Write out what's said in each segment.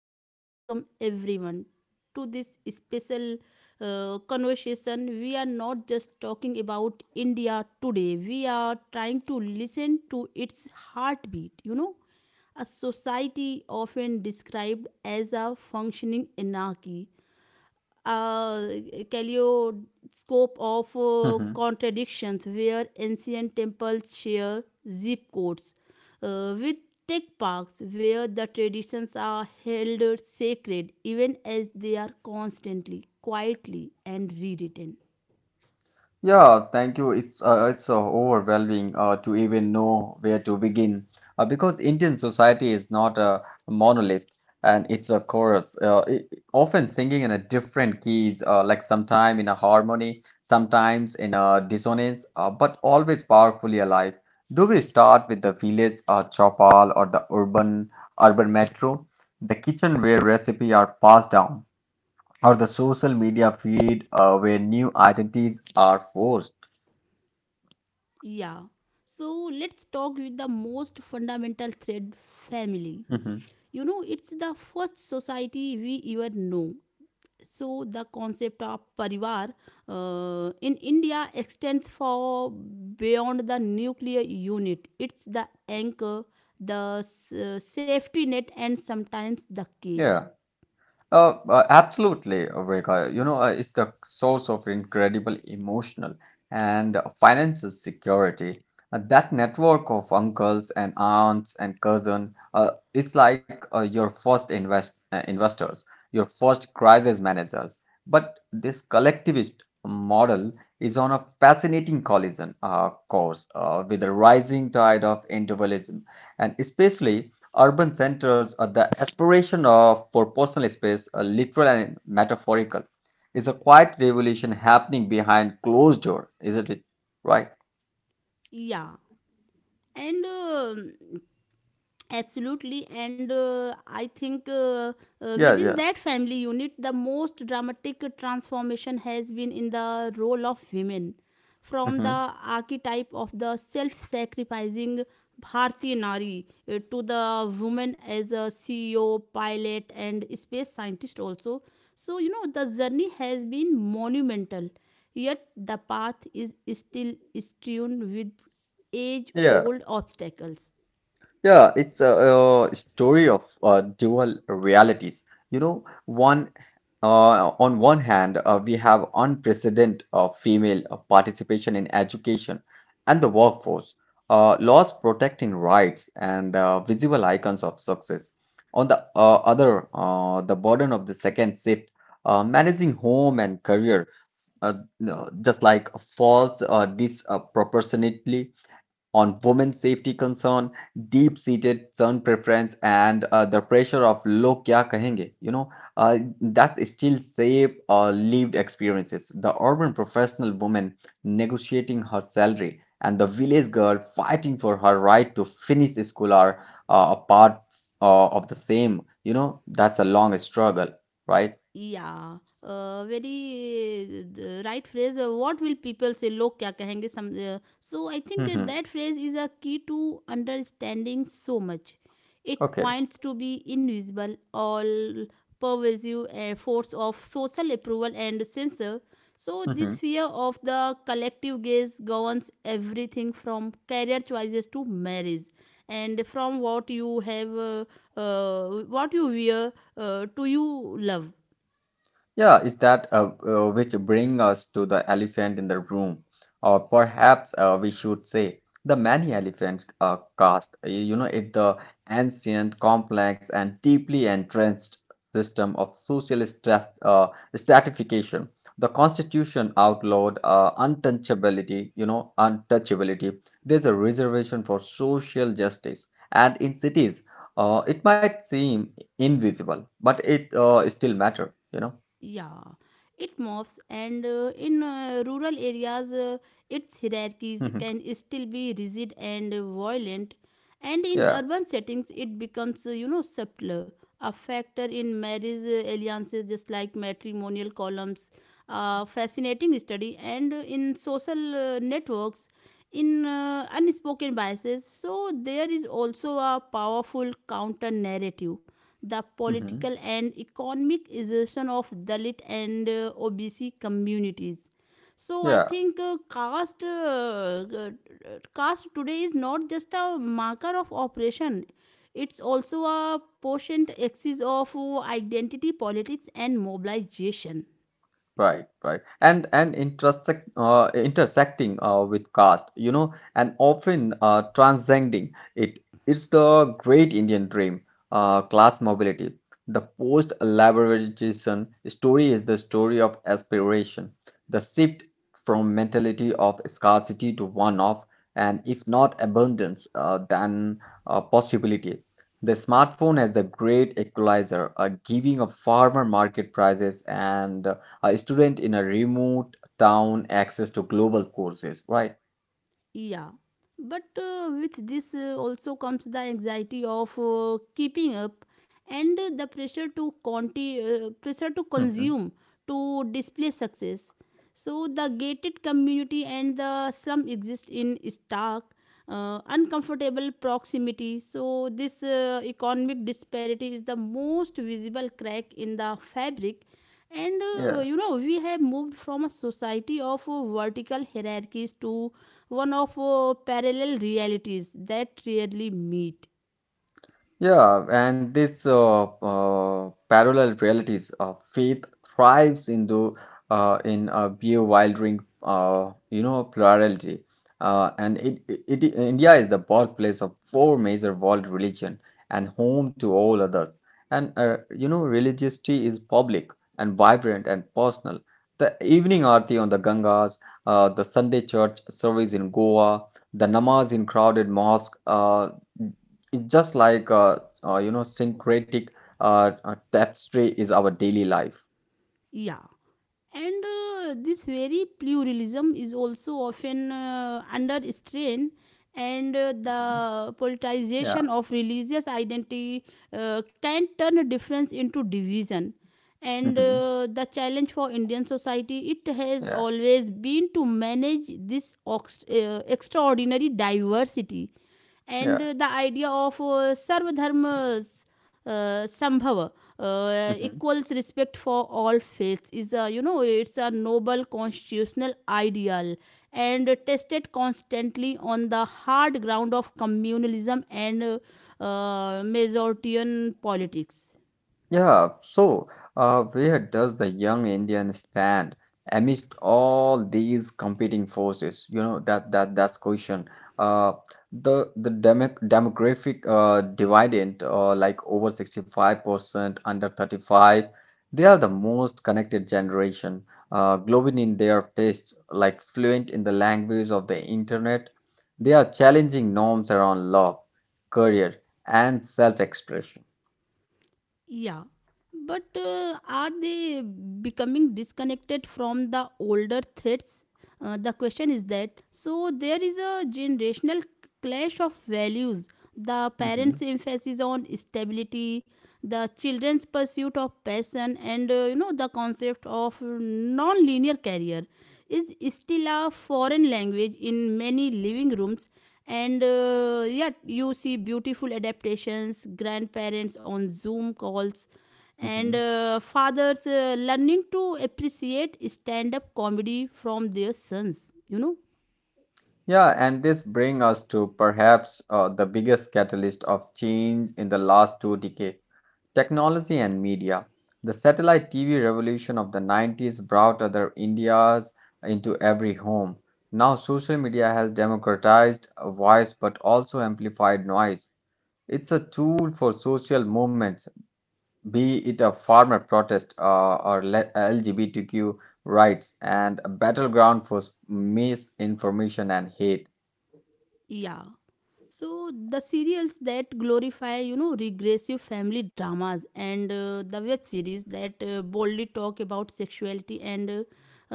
warm welcome, everyone, to this special conversation. We are not just talking about India today, we are trying to listen to its heartbeat, you know. A society often described as a functioning anarchy, uh, kaleidoscope of hmm contradictions where ancient temples share zip codes with tech parks, where the traditions are held sacred even as they are constantly, quietly, and rewritten. Yeah, thank you. It's overwhelming to even know where to begin because Indian society is not a monolith and it's a chorus. I often singing in a different keys, like sometime in a harmony, sometimes in a dissonance, but always powerfully alive. Do we start with the village or chopal or the urban metro, the kitchen where recipe are passed down, or the social media feed where new identities are forced. Yeah. So let's talk with the most fundamental thread, family. Mhm. You know, it's the first society we ever know. So the concept of parivar in India extends far beyond the nuclear unit. It's the anchor, the safety net, and sometimes the cage. Yeah. Absolutely, Rekha. You know, it's the source of incredible emotional and financial security. That network of uncles and aunts and cousin, it's like your first investors, your first crisis managers. But this collectivist model is on a fascinating collision course with the rising tide of individualism, and especially urban centers are the aspiration of for personal space, literal and metaphorical. It's a quiet revolution happening behind closed door, isn't it? Right? Yeah. And absolutely, and I think Yeah, within yeah. that family unit the most dramatic transformation has been in the role of women, from the hmm archetype of the self-sacrificing bharti nari to the woman as a CEO, pilot, and space scientist also. So you know, the journey has been monumental, yet the path is still strewn with age Yeah, old obstacles. yeah. It's a, uh, story of dual realities. You know, one. On one hand, we have unprecedented female participation in education and the workforce, laws protecting rights, and visible icons of success. On the other, the burden of the second shift, managing home and career, uh, no, just like falls disproportionately on women's safety concern, deep-seated son preference, and the pressure of "log kya kahenge," you know, that still shape lived experiences. The urban professional woman negotiating her salary, and the village girl fighting for her right to finish school are a part of the same. You know, that's a long struggle, right? Yeah, very the right phrase. What will people say? Log kya kahenge? So I think that, hmm phrase is a key to understanding so much. It Okay. points to be invisible, all pervasive force of social approval and censor. So this hmm fear of the collective gaze governs everything from career choices to marriage, and from what what you wear, to you love. Yeah, is that which bring us to the elephant in the room, or perhaps we should say the many elephants caste. You know, it the ancient, complex, and deeply entrenched system of social stratification. The constitution outlawed untouchability. You know, untouchability. There's a reservation for social justice, and in cities, it might seem invisible, but it still matter, you know. Yeah, it morphs, and in rural hmm areas, its hierarchies can still be rigid and violent. And Yeah. in urban settings, it becomes, you know, subtler, a factor in marriage alliances, just like matrimonial columns. A fascinating study, and in social networks, in unspoken biases. So, there is also a powerful counter narrative, the hmm political and economic assertion of Dalit and OBC communities. So, I Yeah. think caste today is not just a marker of oppression, it's also a potent axis of identity politics and mobilization. Right, right, and and intersecting with caste, you know, and often transcending it. It's the great Indian dream, class mobility. The post-liberalization story is the story of aspiration, the shift from mentality of scarcity to one of, and if not abundance, then possibility. The smartphone as the great equalizer, giving a farmer market prices and a student in a remote town access to global courses, right? Yeah, but with this also comes the anxiety of keeping up, and the pressure to consume, to display success. So the gated community and the slum exist in stark, uncomfortable proximity. So this economic disparity is the most visible crack in the fabric. And Yeah. You know, we have moved from a society of vertical hierarchies to one of parallel realities that rarely meet. Yeah, and this parallel realities of faith thrives in the in a bewildering you know plurality, and it India is the birthplace of four major world religion and home to all others. And you know, religiosity is public and vibrant and personal. The evening aarti on the Gangas, the Sunday church service in Goa, the namaz in crowded mosque. It's just like you know, syncretic tapestry is our daily life. Yeah. And this very pluralism is also often under strain, and hmm the Yeah. politicization of religious identity can turn difference into division. And hmm the challenge for Indian society, it has Yeah. always been to manage this extraordinary diversity, and Yeah. The idea of Sarva Dharma Sambhava, hmm equals respect for all faiths, is a, you know, it's a noble constitutional ideal, and tested constantly on the hard ground of communalism and Masortian politics. Yeah, so where does the young Indian stand amidst all these competing forces? You know, that's question. Uh, the the demographic dividend, like over 65%, under 35, they are the most connected generation, glowing in their tastes, like fluent in the language of the internet. They are challenging norms around love, career, and self-expression. Yeah, but are they becoming disconnected from the older threats? The question is that, so there is a generational clash of values. The parents' hmm emphasis on stability, the children's pursuit of passion, and you know, the concept of non-linear career is still a foreign language in many living rooms. And yet you see beautiful adaptations, grandparents on Zoom calls, and hmm fathers learning to appreciate stand-up comedy from their sons, you know. Yeah, and this brings us to perhaps the biggest catalyst of change in the last two decades, technology and media. The satellite TV revolution of the 90s brought other Indias into every home. Now, social media has democratized a voice but also amplified noise. It's a tool for social movements, be it a farmer protest or LGBTQ rights, and a battleground for misinformation and hate. Yeah. So the serials that glorify, you know, regressive family dramas, and the web series that boldly talk about sexuality and uh,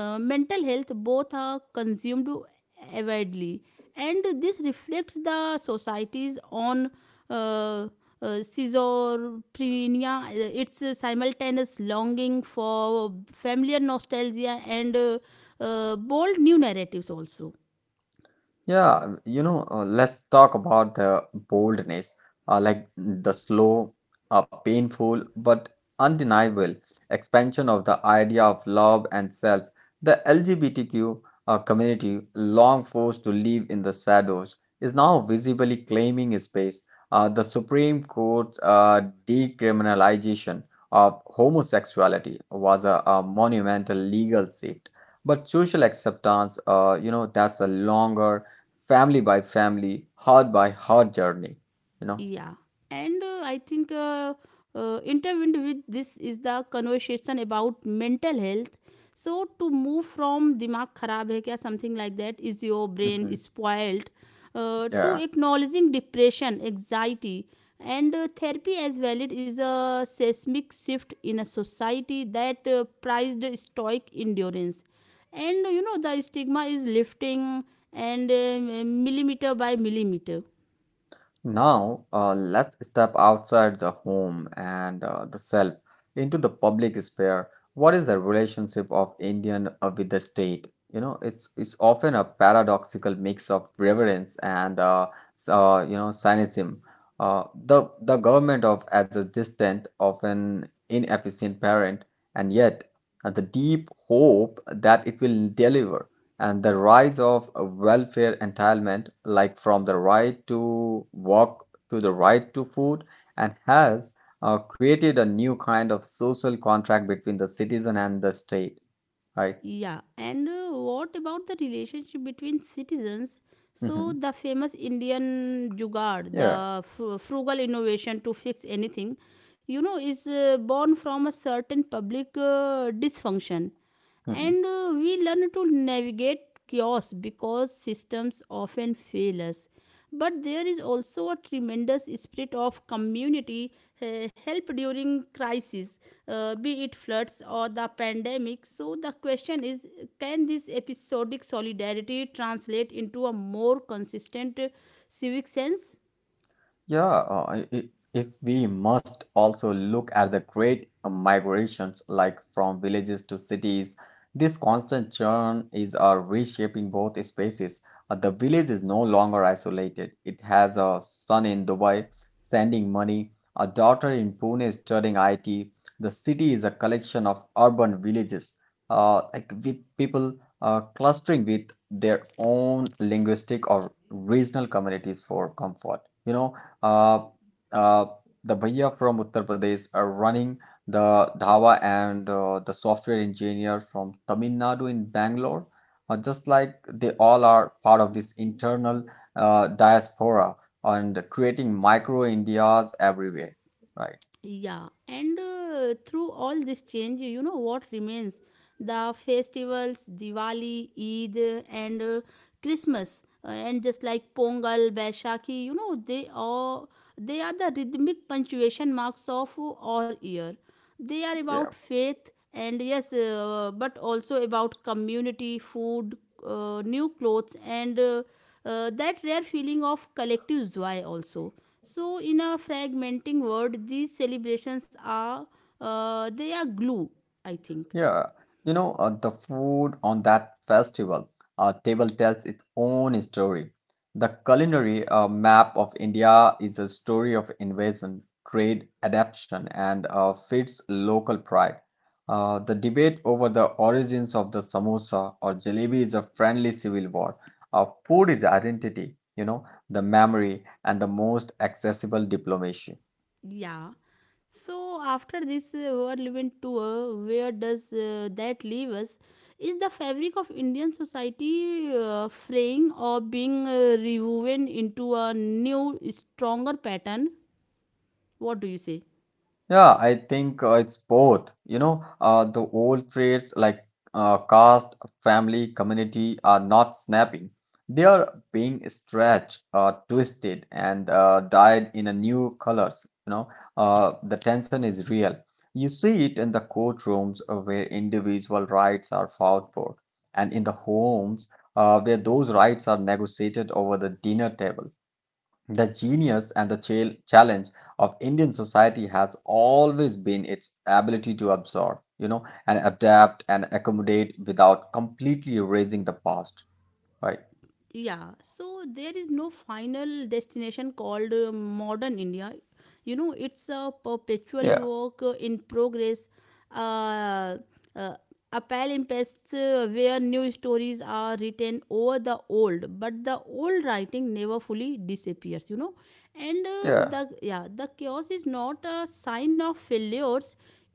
uh, mental health, both are consumed avidly, and this reflects the society's on uh, schizophrenia, its simultaneous longing for familiar nostalgia and bold new narratives also. Yeah, you know, let's talk about the boldness, like the slow, painful, but undeniable expansion of the idea of love and self. The LGBTQ community, long forced to live in the shadows, is now visibly claiming space. The Supreme Court's decriminalization of homosexuality was a monumental legal shift. But social acceptance, you know, that's a longer family by family, heart by heart journey, you know. Yeah, and I think intertwined with this is the conversation about mental health. So to move from दिमाग खराब है क्या, something like that is your brain Mhm. spoiled, to Yeah. acknowledging depression, anxiety, and therapy as valid is a seismic shift in a society that prized stoic endurance. And you know, the stigma is lifting, and millimeter by millimeter. Now, let's step outside the home and the self into the public sphere. What is the relationship of Indian with the state? You know, it's often a paradoxical mix of reverence and you know, cynicism. The government of as a distant, often inefficient parent, and yet the deep hope that it will deliver and the rise of welfare entitlement, like from the right to work to the right to food, and has created a new kind of social contract between the citizen and the state, right? Yeah, and what about the relationship between citizens? So, hmm the famous Indian jugaad, Yeah. the frugal innovation to fix anything, you know, is born from a certain public dysfunction. Mhm. And we learn to navigate chaos because systems often fail us, but there is also a tremendous spirit of community help during crises, be it floods or the pandemic. So the question is, can this episodic solidarity translate into a more consistent civic sense? Yeah, if we must also look at the great migrations, like from villages to cities, this constant churn is reshaping both spaces. The village is no longer isolated. It has a son in Dubai sending money, a daughter in Pune studying IT. The city is a collection of urban villages, like with people clustering with their own linguistic or regional communities for comfort. You know, uh, uh, the bhaiya from Uttar Pradesh are running the dhawa and the software engineer from Tamil Nadu in Bangalore, just like they all are part of this internal diaspora and creating micro Indias everywhere, right? Yeah, and through all this change, you know what remains? The festivals, Diwali, Eid, and Christmas, and just like Pongal, Baishakhi, you know, they are the rhythmic punctuation marks of our year. They are about Yeah. faith and, yes, but also about community, food, new clothes, and that rare feeling of collective joy also. So, in a fragmenting world, these celebrations are, they are glue, I think. Yeah, you know, the food on that festival table tells its own story. The culinary map of India is a story of invasion, trade, adaptation, and feeds local pride. The debate over the origins of the samosa or jalebi is a friendly civil war. Food is identity, you know, the memory, and the most accessible diplomacy. Yeah. So after this whirlwind tour, where does that leave us? Is the fabric of Indian society fraying or being rewoven into a new, stronger pattern? What do you say? Yeah, I think it's both. You know, the old traits like caste, family, community are not snapping. They are being stretched, twisted, and dyed in a new colors. You know, the tension is real. You see it in the courtrooms where individual rights are fought for, and in the homes where those rights are negotiated over the dinner table. The genius and the challenge of Indian society has always been its ability to absorb, you know, and adapt and accommodate without completely erasing the past, right? Yeah, so there is no final destination called modern India. You know, it's a perpetual Yeah, work in progress, uh, uh, appel impasse, where new stories are written over the old, but the old writing never fully disappears, you know. And yeah. the, yeah, the chaos is not a sign of failures.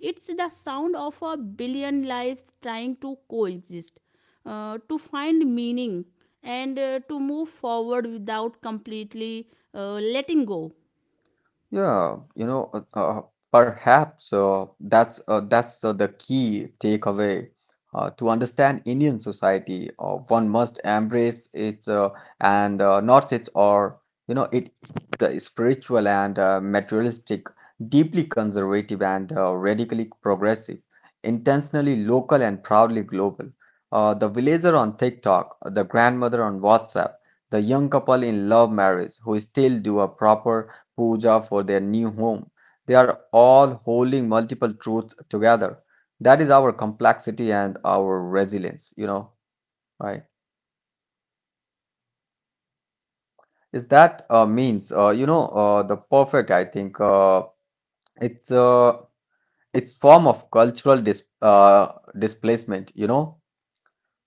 It's the sound of a billion lives trying to coexist, to find meaning, and to move forward without completely letting go. Yeah, you know, perhaps that's the key takeaway. To understand Indian society, one must embrace its and not its or you know it the spiritual and materialistic, deeply conservative and radically progressive, intentionally local and proudly global. The villager on TikTok, the grandmother on WhatsApp, the young couple in love marriage who still do a proper puja for their new home. They are all holding multiple truths together. That is our complexity and our resilience, you know, right? Is that means, you know, the perfect, I think, it's uh, it's form of cultural displacement, you know.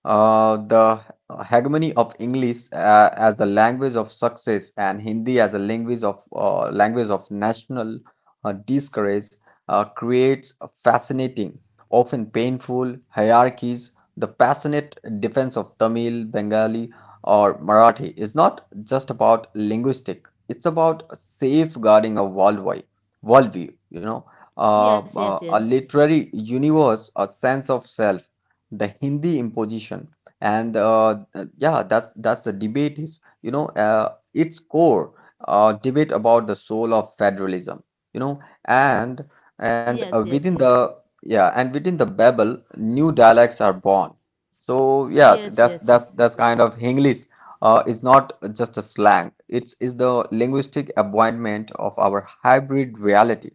The hegemony of English as the language of success and Hindi as a language of national discourage creates fascinating, often painful hierarchies. The passionate defense of Tamil, Bengali, or Marathi is not just about linguistic; it's about safeguarding a worldwide worldview. You know, Yes, yes, a yes. literary universe, a sense of self, the Hindi imposition and yeah, that's the debate is, you know, its core debate about the soul of federalism, you know, and and Yes, uh, yes, within yes. the, yeah, and within the Babel new dialects are born, so yes, Yes, that's yes, that's yes. that's kind of English is not just a slang, it's is the linguistic appointment of our hybrid reality,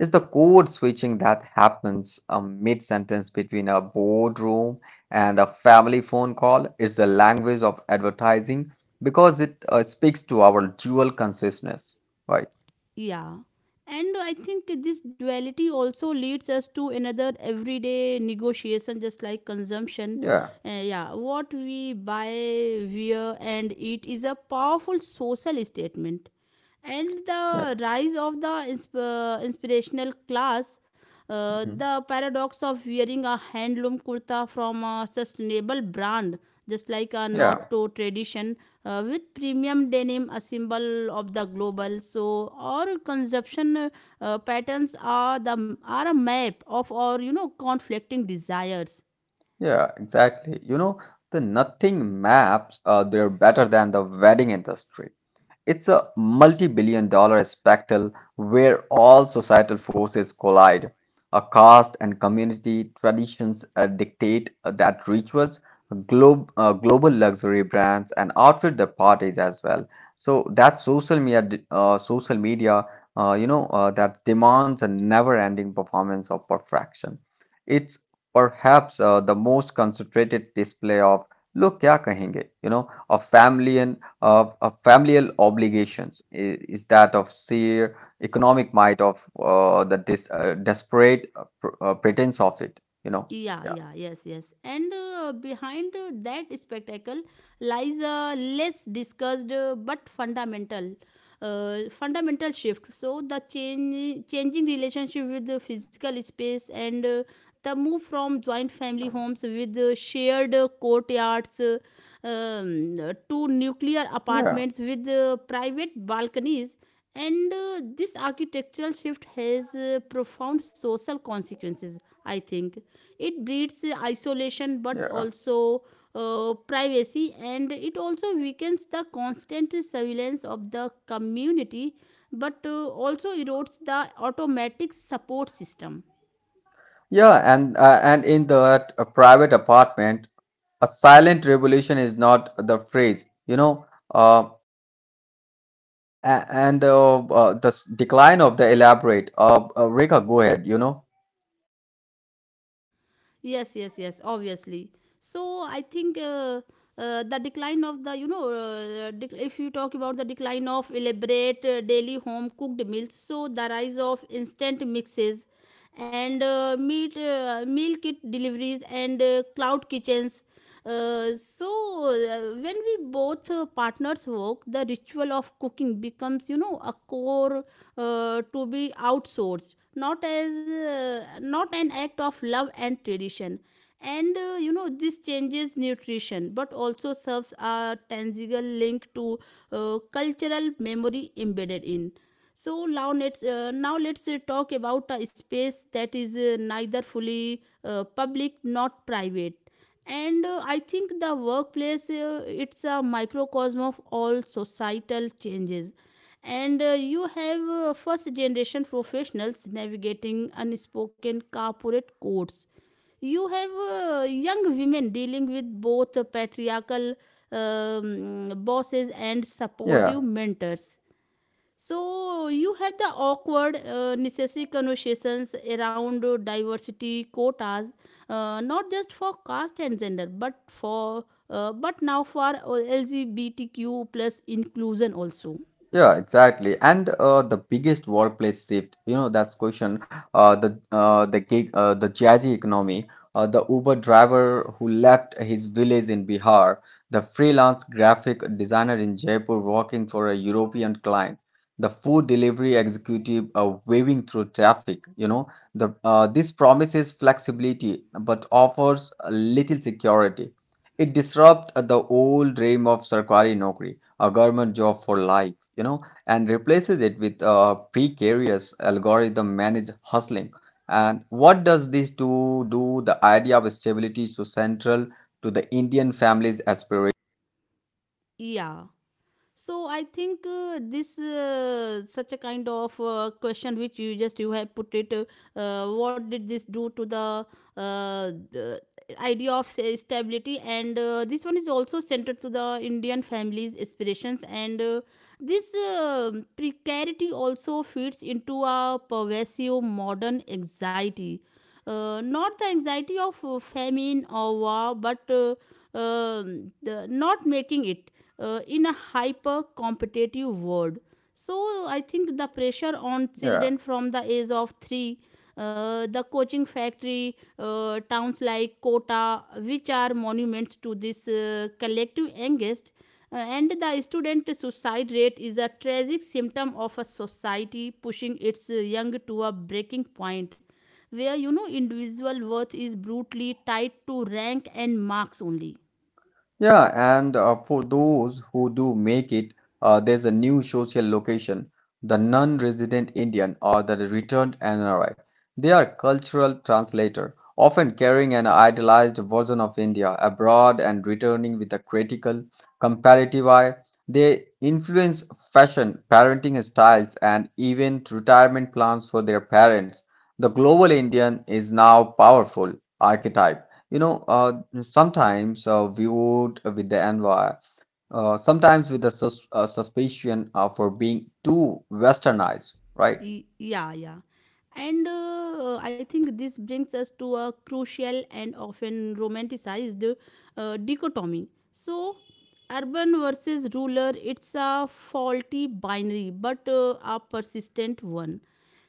is the code switching that happens a mid sentence between a boardroom and a family phone call, is the language of advertising because it speaks to our dual consciousness, right? Yeah. And I think this duality also leads us to another everyday negotiation, just like consumption. yeah Yeah, what we buy, wear, and eat is a powerful social statement, and yeah the rise of the inspirational class, mhm. the paradox of wearing a handloom kurta from a sustainable brand, just like a not yeah to tradition, with premium denim, a symbol of the global. So our consumption patterns are the, are a map of our, you know, conflicting desires. yeah, exactly, you know, the nothing maps they're better than the wedding industry. It's a multi-multi-billion-dollar spectacle where all societal forces collide. A caste and community traditions dictate that rituals, global luxury brands, and outfit the parties as well. So that social media, you know, that demands a never-ending performance of perfection. It's perhaps the most concentrated display of "look क्या कहेंगे," you know, of family and of familial obligations is that of sheer economic might of the dis desperate pr pretense of it, you know. Yeah, Yeah, yeah, yes, yes. And behind that spectacle lies a less discussed but fundamental shift. So the changing relationship with the physical space, and the move from joint family homes with shared courtyards to nuclear yeah, apartments with private balconies. And this architectural shift has profound social consequences, I think. It breeds isolation, but yeah, also privacy, and it also weakens the constant surveillance of the community, but also erodes the automatic support system. yeah. And in that private apartment, a silent revolution is not the phrase, you know. Uh, a- and The decline of the elaborate. Rekha, go ahead. You know. Yes, yes, yes, obviously. So I think the decline of the, you know, if you talk about the decline of elaborate daily home cooked meals, so the rise of instant mixes and meal kit deliveries, and cloud kitchens. Uh, so when we both partners work, the ritual of cooking becomes, you know, a core to be outsourced, not as not an act of love and tradition. And you know, this changes nutrition, but also serves a tangible link to cultural memory embedded in. So now let's talk about a space that is neither fully public not private. And I think the workplace, it's a microcosm of all societal changes. And you have first generation professionals navigating unspoken corporate codes. You have young women dealing with both patriarchal bosses and supportive Yeah. mentors. So you have the awkward, necessary conversations around diversity quotas, not just for caste and gender, but for but now for LGBTQ plus inclusion also. Yeah, exactly. And the biggest workplace shift, you know, that's question. The gig, the jazzy economy, the Uber driver who left his village in Bihar, the freelance graphic designer in Jaipur working for a European client, the food delivery executive waving through traffic. You know, the this promises flexibility but offers little security. It disrupts the old dream of Sarkari Nokri, a government job for life, you know, and replaces it with a precarious algorithm managed hustling. And what does this do? The idea of stability is so central to the Indian family's aspiration. Yeah. So I think this such a kind of question which you just you have put it. What did this do to the uh, the idea of, say, stability? And this one is also centered to the Indian families' aspirations and. This precarity also fits into a pervasive modern anxiety. Not the anxiety of famine or war, but the not making it in a hyper competitive world. So I think the pressure on Yeah. children from the age of three, the coaching factory, towns like Kota, which are monuments to this collective angst, and the student suicide rate is a tragic symptom of a society pushing its young to a breaking point where individual worth is brutally tied to rank and marks only. Yeah, and for those who do make it, there's a new social location, the non-resident Indian or the returned NRI. They are cultural translator, often carrying an idealized version of India abroad and returning with a critical, comparative eye. They influence fashion, parenting styles, and even retirement plans for their parents. The global Indian is now powerful archetype. You know, sometimes viewed with the envy, sometimes with the suspicion for being too westernized, right? Yeah. And I think this brings us to a crucial and often romanticized dichotomy. So urban versus rural, it's a faulty binary but a persistent one.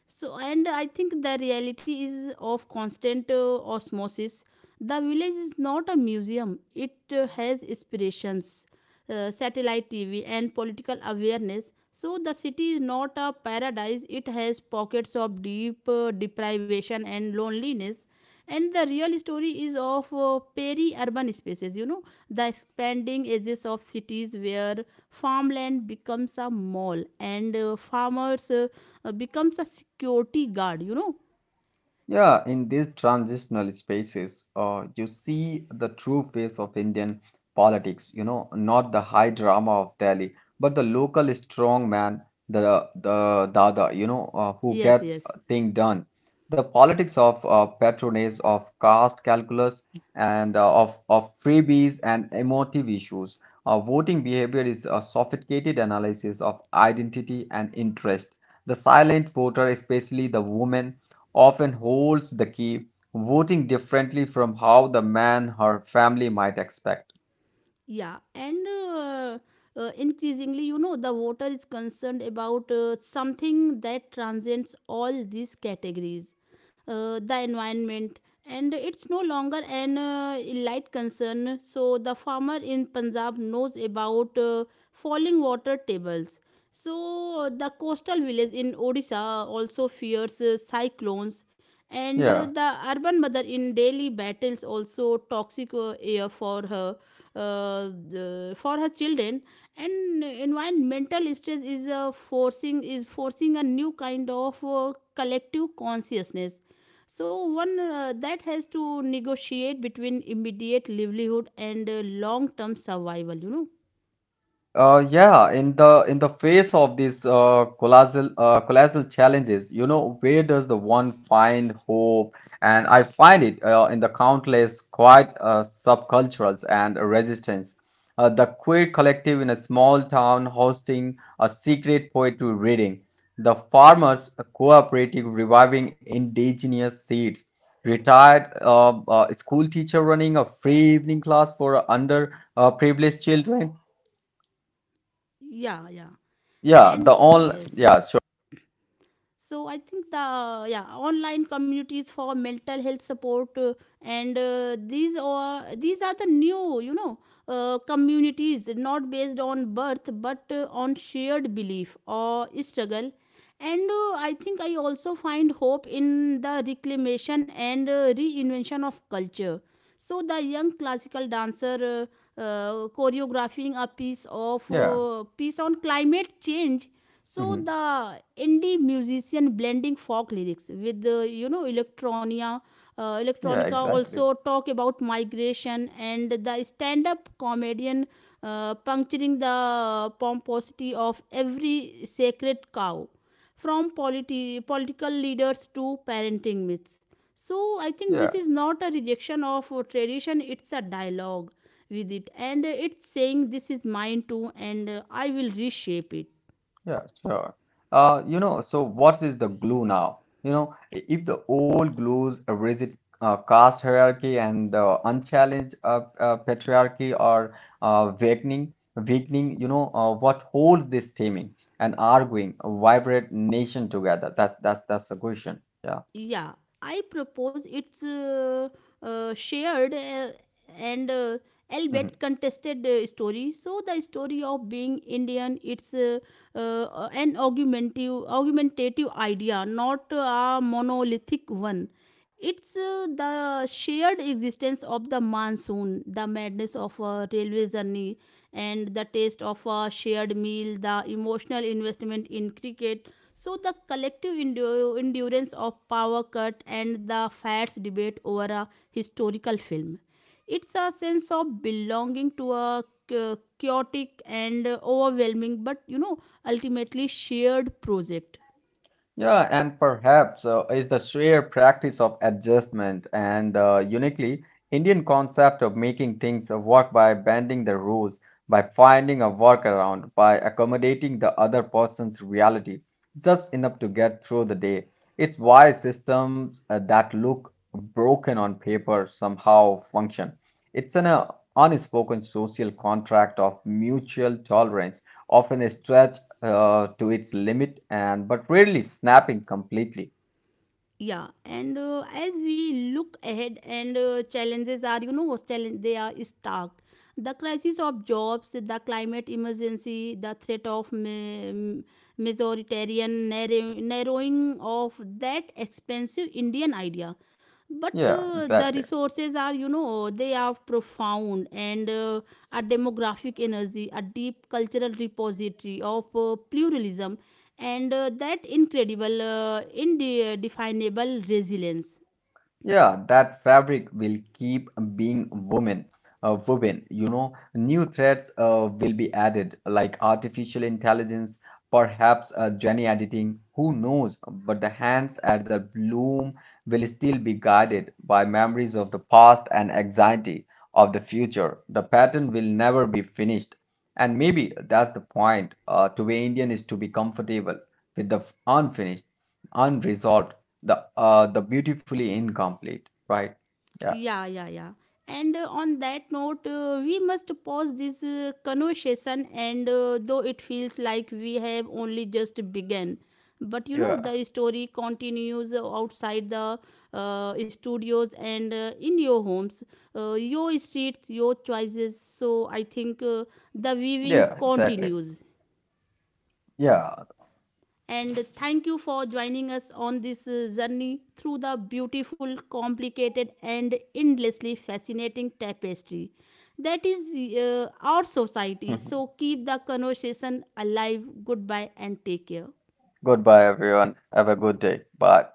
And I think the reality is of constant osmosis. The village is not a museum, it has inspirations, satellite TV, and political awareness. So the city is not a paradise, it has pockets of deep deprivation and loneliness, and the real story is of peri-urban spaces, the expanding edges of cities where farmland becomes a mall and farmers becomes a security guard. Yeah, in these transitional spaces, you see the true face of Indian politics, you know, not the high drama of Delhi, but the local strong man, the Dada, you know, who yes gets yes thing done. The politics of patronage, of caste calculus, and of freebies and emotive issues. Voting behavior is a sophisticated analysis of identity and interest. The silent voter, especially the women, often holds the key, voting differently from how the man her family might expect. Yeah, and increasingly, the voter is concerned about something that transcends all these categories, the environment, and it's no longer an light concern. So the farmer in Punjab knows about falling water tables. So the coastal village in Odisha also fears cyclones, and Yeah. the urban mother in daily battles also toxic air for her, for her children. And environmental stress is forcing a new kind of collective consciousness, so one that has to negotiate between immediate livelihood and long term survival. Yeah, in the face of these colossal challenges, you know, where does the one find hope? And I find it in the countless quiet subcultures and resistance. The queer collective in a small town hosting a secret poetry reading, the farmers cooperative reviving indigenous seeds, retired school teacher running a free evening class for under privileged children, Yeah. yeah, the and all, yes yeah, yes sure. So I think the yeah online communities for mental health support. And These are the new, communities not based on birth but on shared belief or struggle. And I think I also find hope in the reclamation and reinvention of culture. So the young classical dancer choreographing a Yeah. Piece on climate change. So Hmm. the indie musician blending folk lyrics with electronia, Yeah, electronica, exactly. also talk about migration, and the stand-up comedian puncturing the pomposity of every sacred cow, from political leaders to parenting myths. So I think Yeah, this is not a rejection of tradition; it's a dialogue with it, and it's saying this is mine too, and I will reshape it. yeah, sure. You know, so what is the glue now? You know, if the old glues a rigid caste hierarchy and the unchallenged patriarchy are weakening, you know, what holds this teaming and arguing a vibrant nation together? That's the question. Yeah. Yeah, I propose it's shared and Mm-hmm. albeit contested story. So the story of being indian, it's an argumentative idea, not a monolithic one. It's the shared existence of the monsoon, the madness of a railway journey, and the taste of a shared meal, the emotional investment in cricket, so the collective endurance of power cut and the fats debate over a historical film. It's a sense of belonging to a chaotic and overwhelming, but ultimately shared project. Yeah, and perhaps is the sheer practice of adjustment and uniquely Indian concept of making things work by bending the rules, by finding a workaround, by accommodating the other person's reality just enough to get through the day. It's why systems that look broken on paper somehow function. It's an unspoken social contract of mutual tolerance, often stretched to its limit and but rarely snapping completely. Yeah and as we look ahead, and challenges are, what challenge, they are stark: the crisis of jobs, the climate emergency, the threat of majoritarian narrowing of that expensive indian idea. But Yeah, the exactly. resources are, they are profound, and a demographic energy, a deep cultural repository of pluralism, and that incredible indefinable resilience. Yeah, that fabric will keep being woven, woven. You know, new threads will be added, like artificial intelligence, perhaps gene editing. Who knows? But the hands at the bloom will still be guided by memories of the past and anxiety of the future. The pattern will never be finished, and maybe that's the point. To be Indian is to be comfortable with the unfinished, unresolved, the the beautifully incomplete, right? Yeah, Yeah, yeah, yeah. And on that note, we must pause this conversation, and though it feels like we have only just begun, but yeah, the story continues outside the studios and in your homes, your streets, your choices. So I think the weaving yeah, exactly, continues, yeah. and thank you for joining us on this journey through the beautiful, complicated, and endlessly fascinating tapestry that is our society. So keep the conversation alive. Goodbye and take care. Goodbye everyone, have a good day, bye.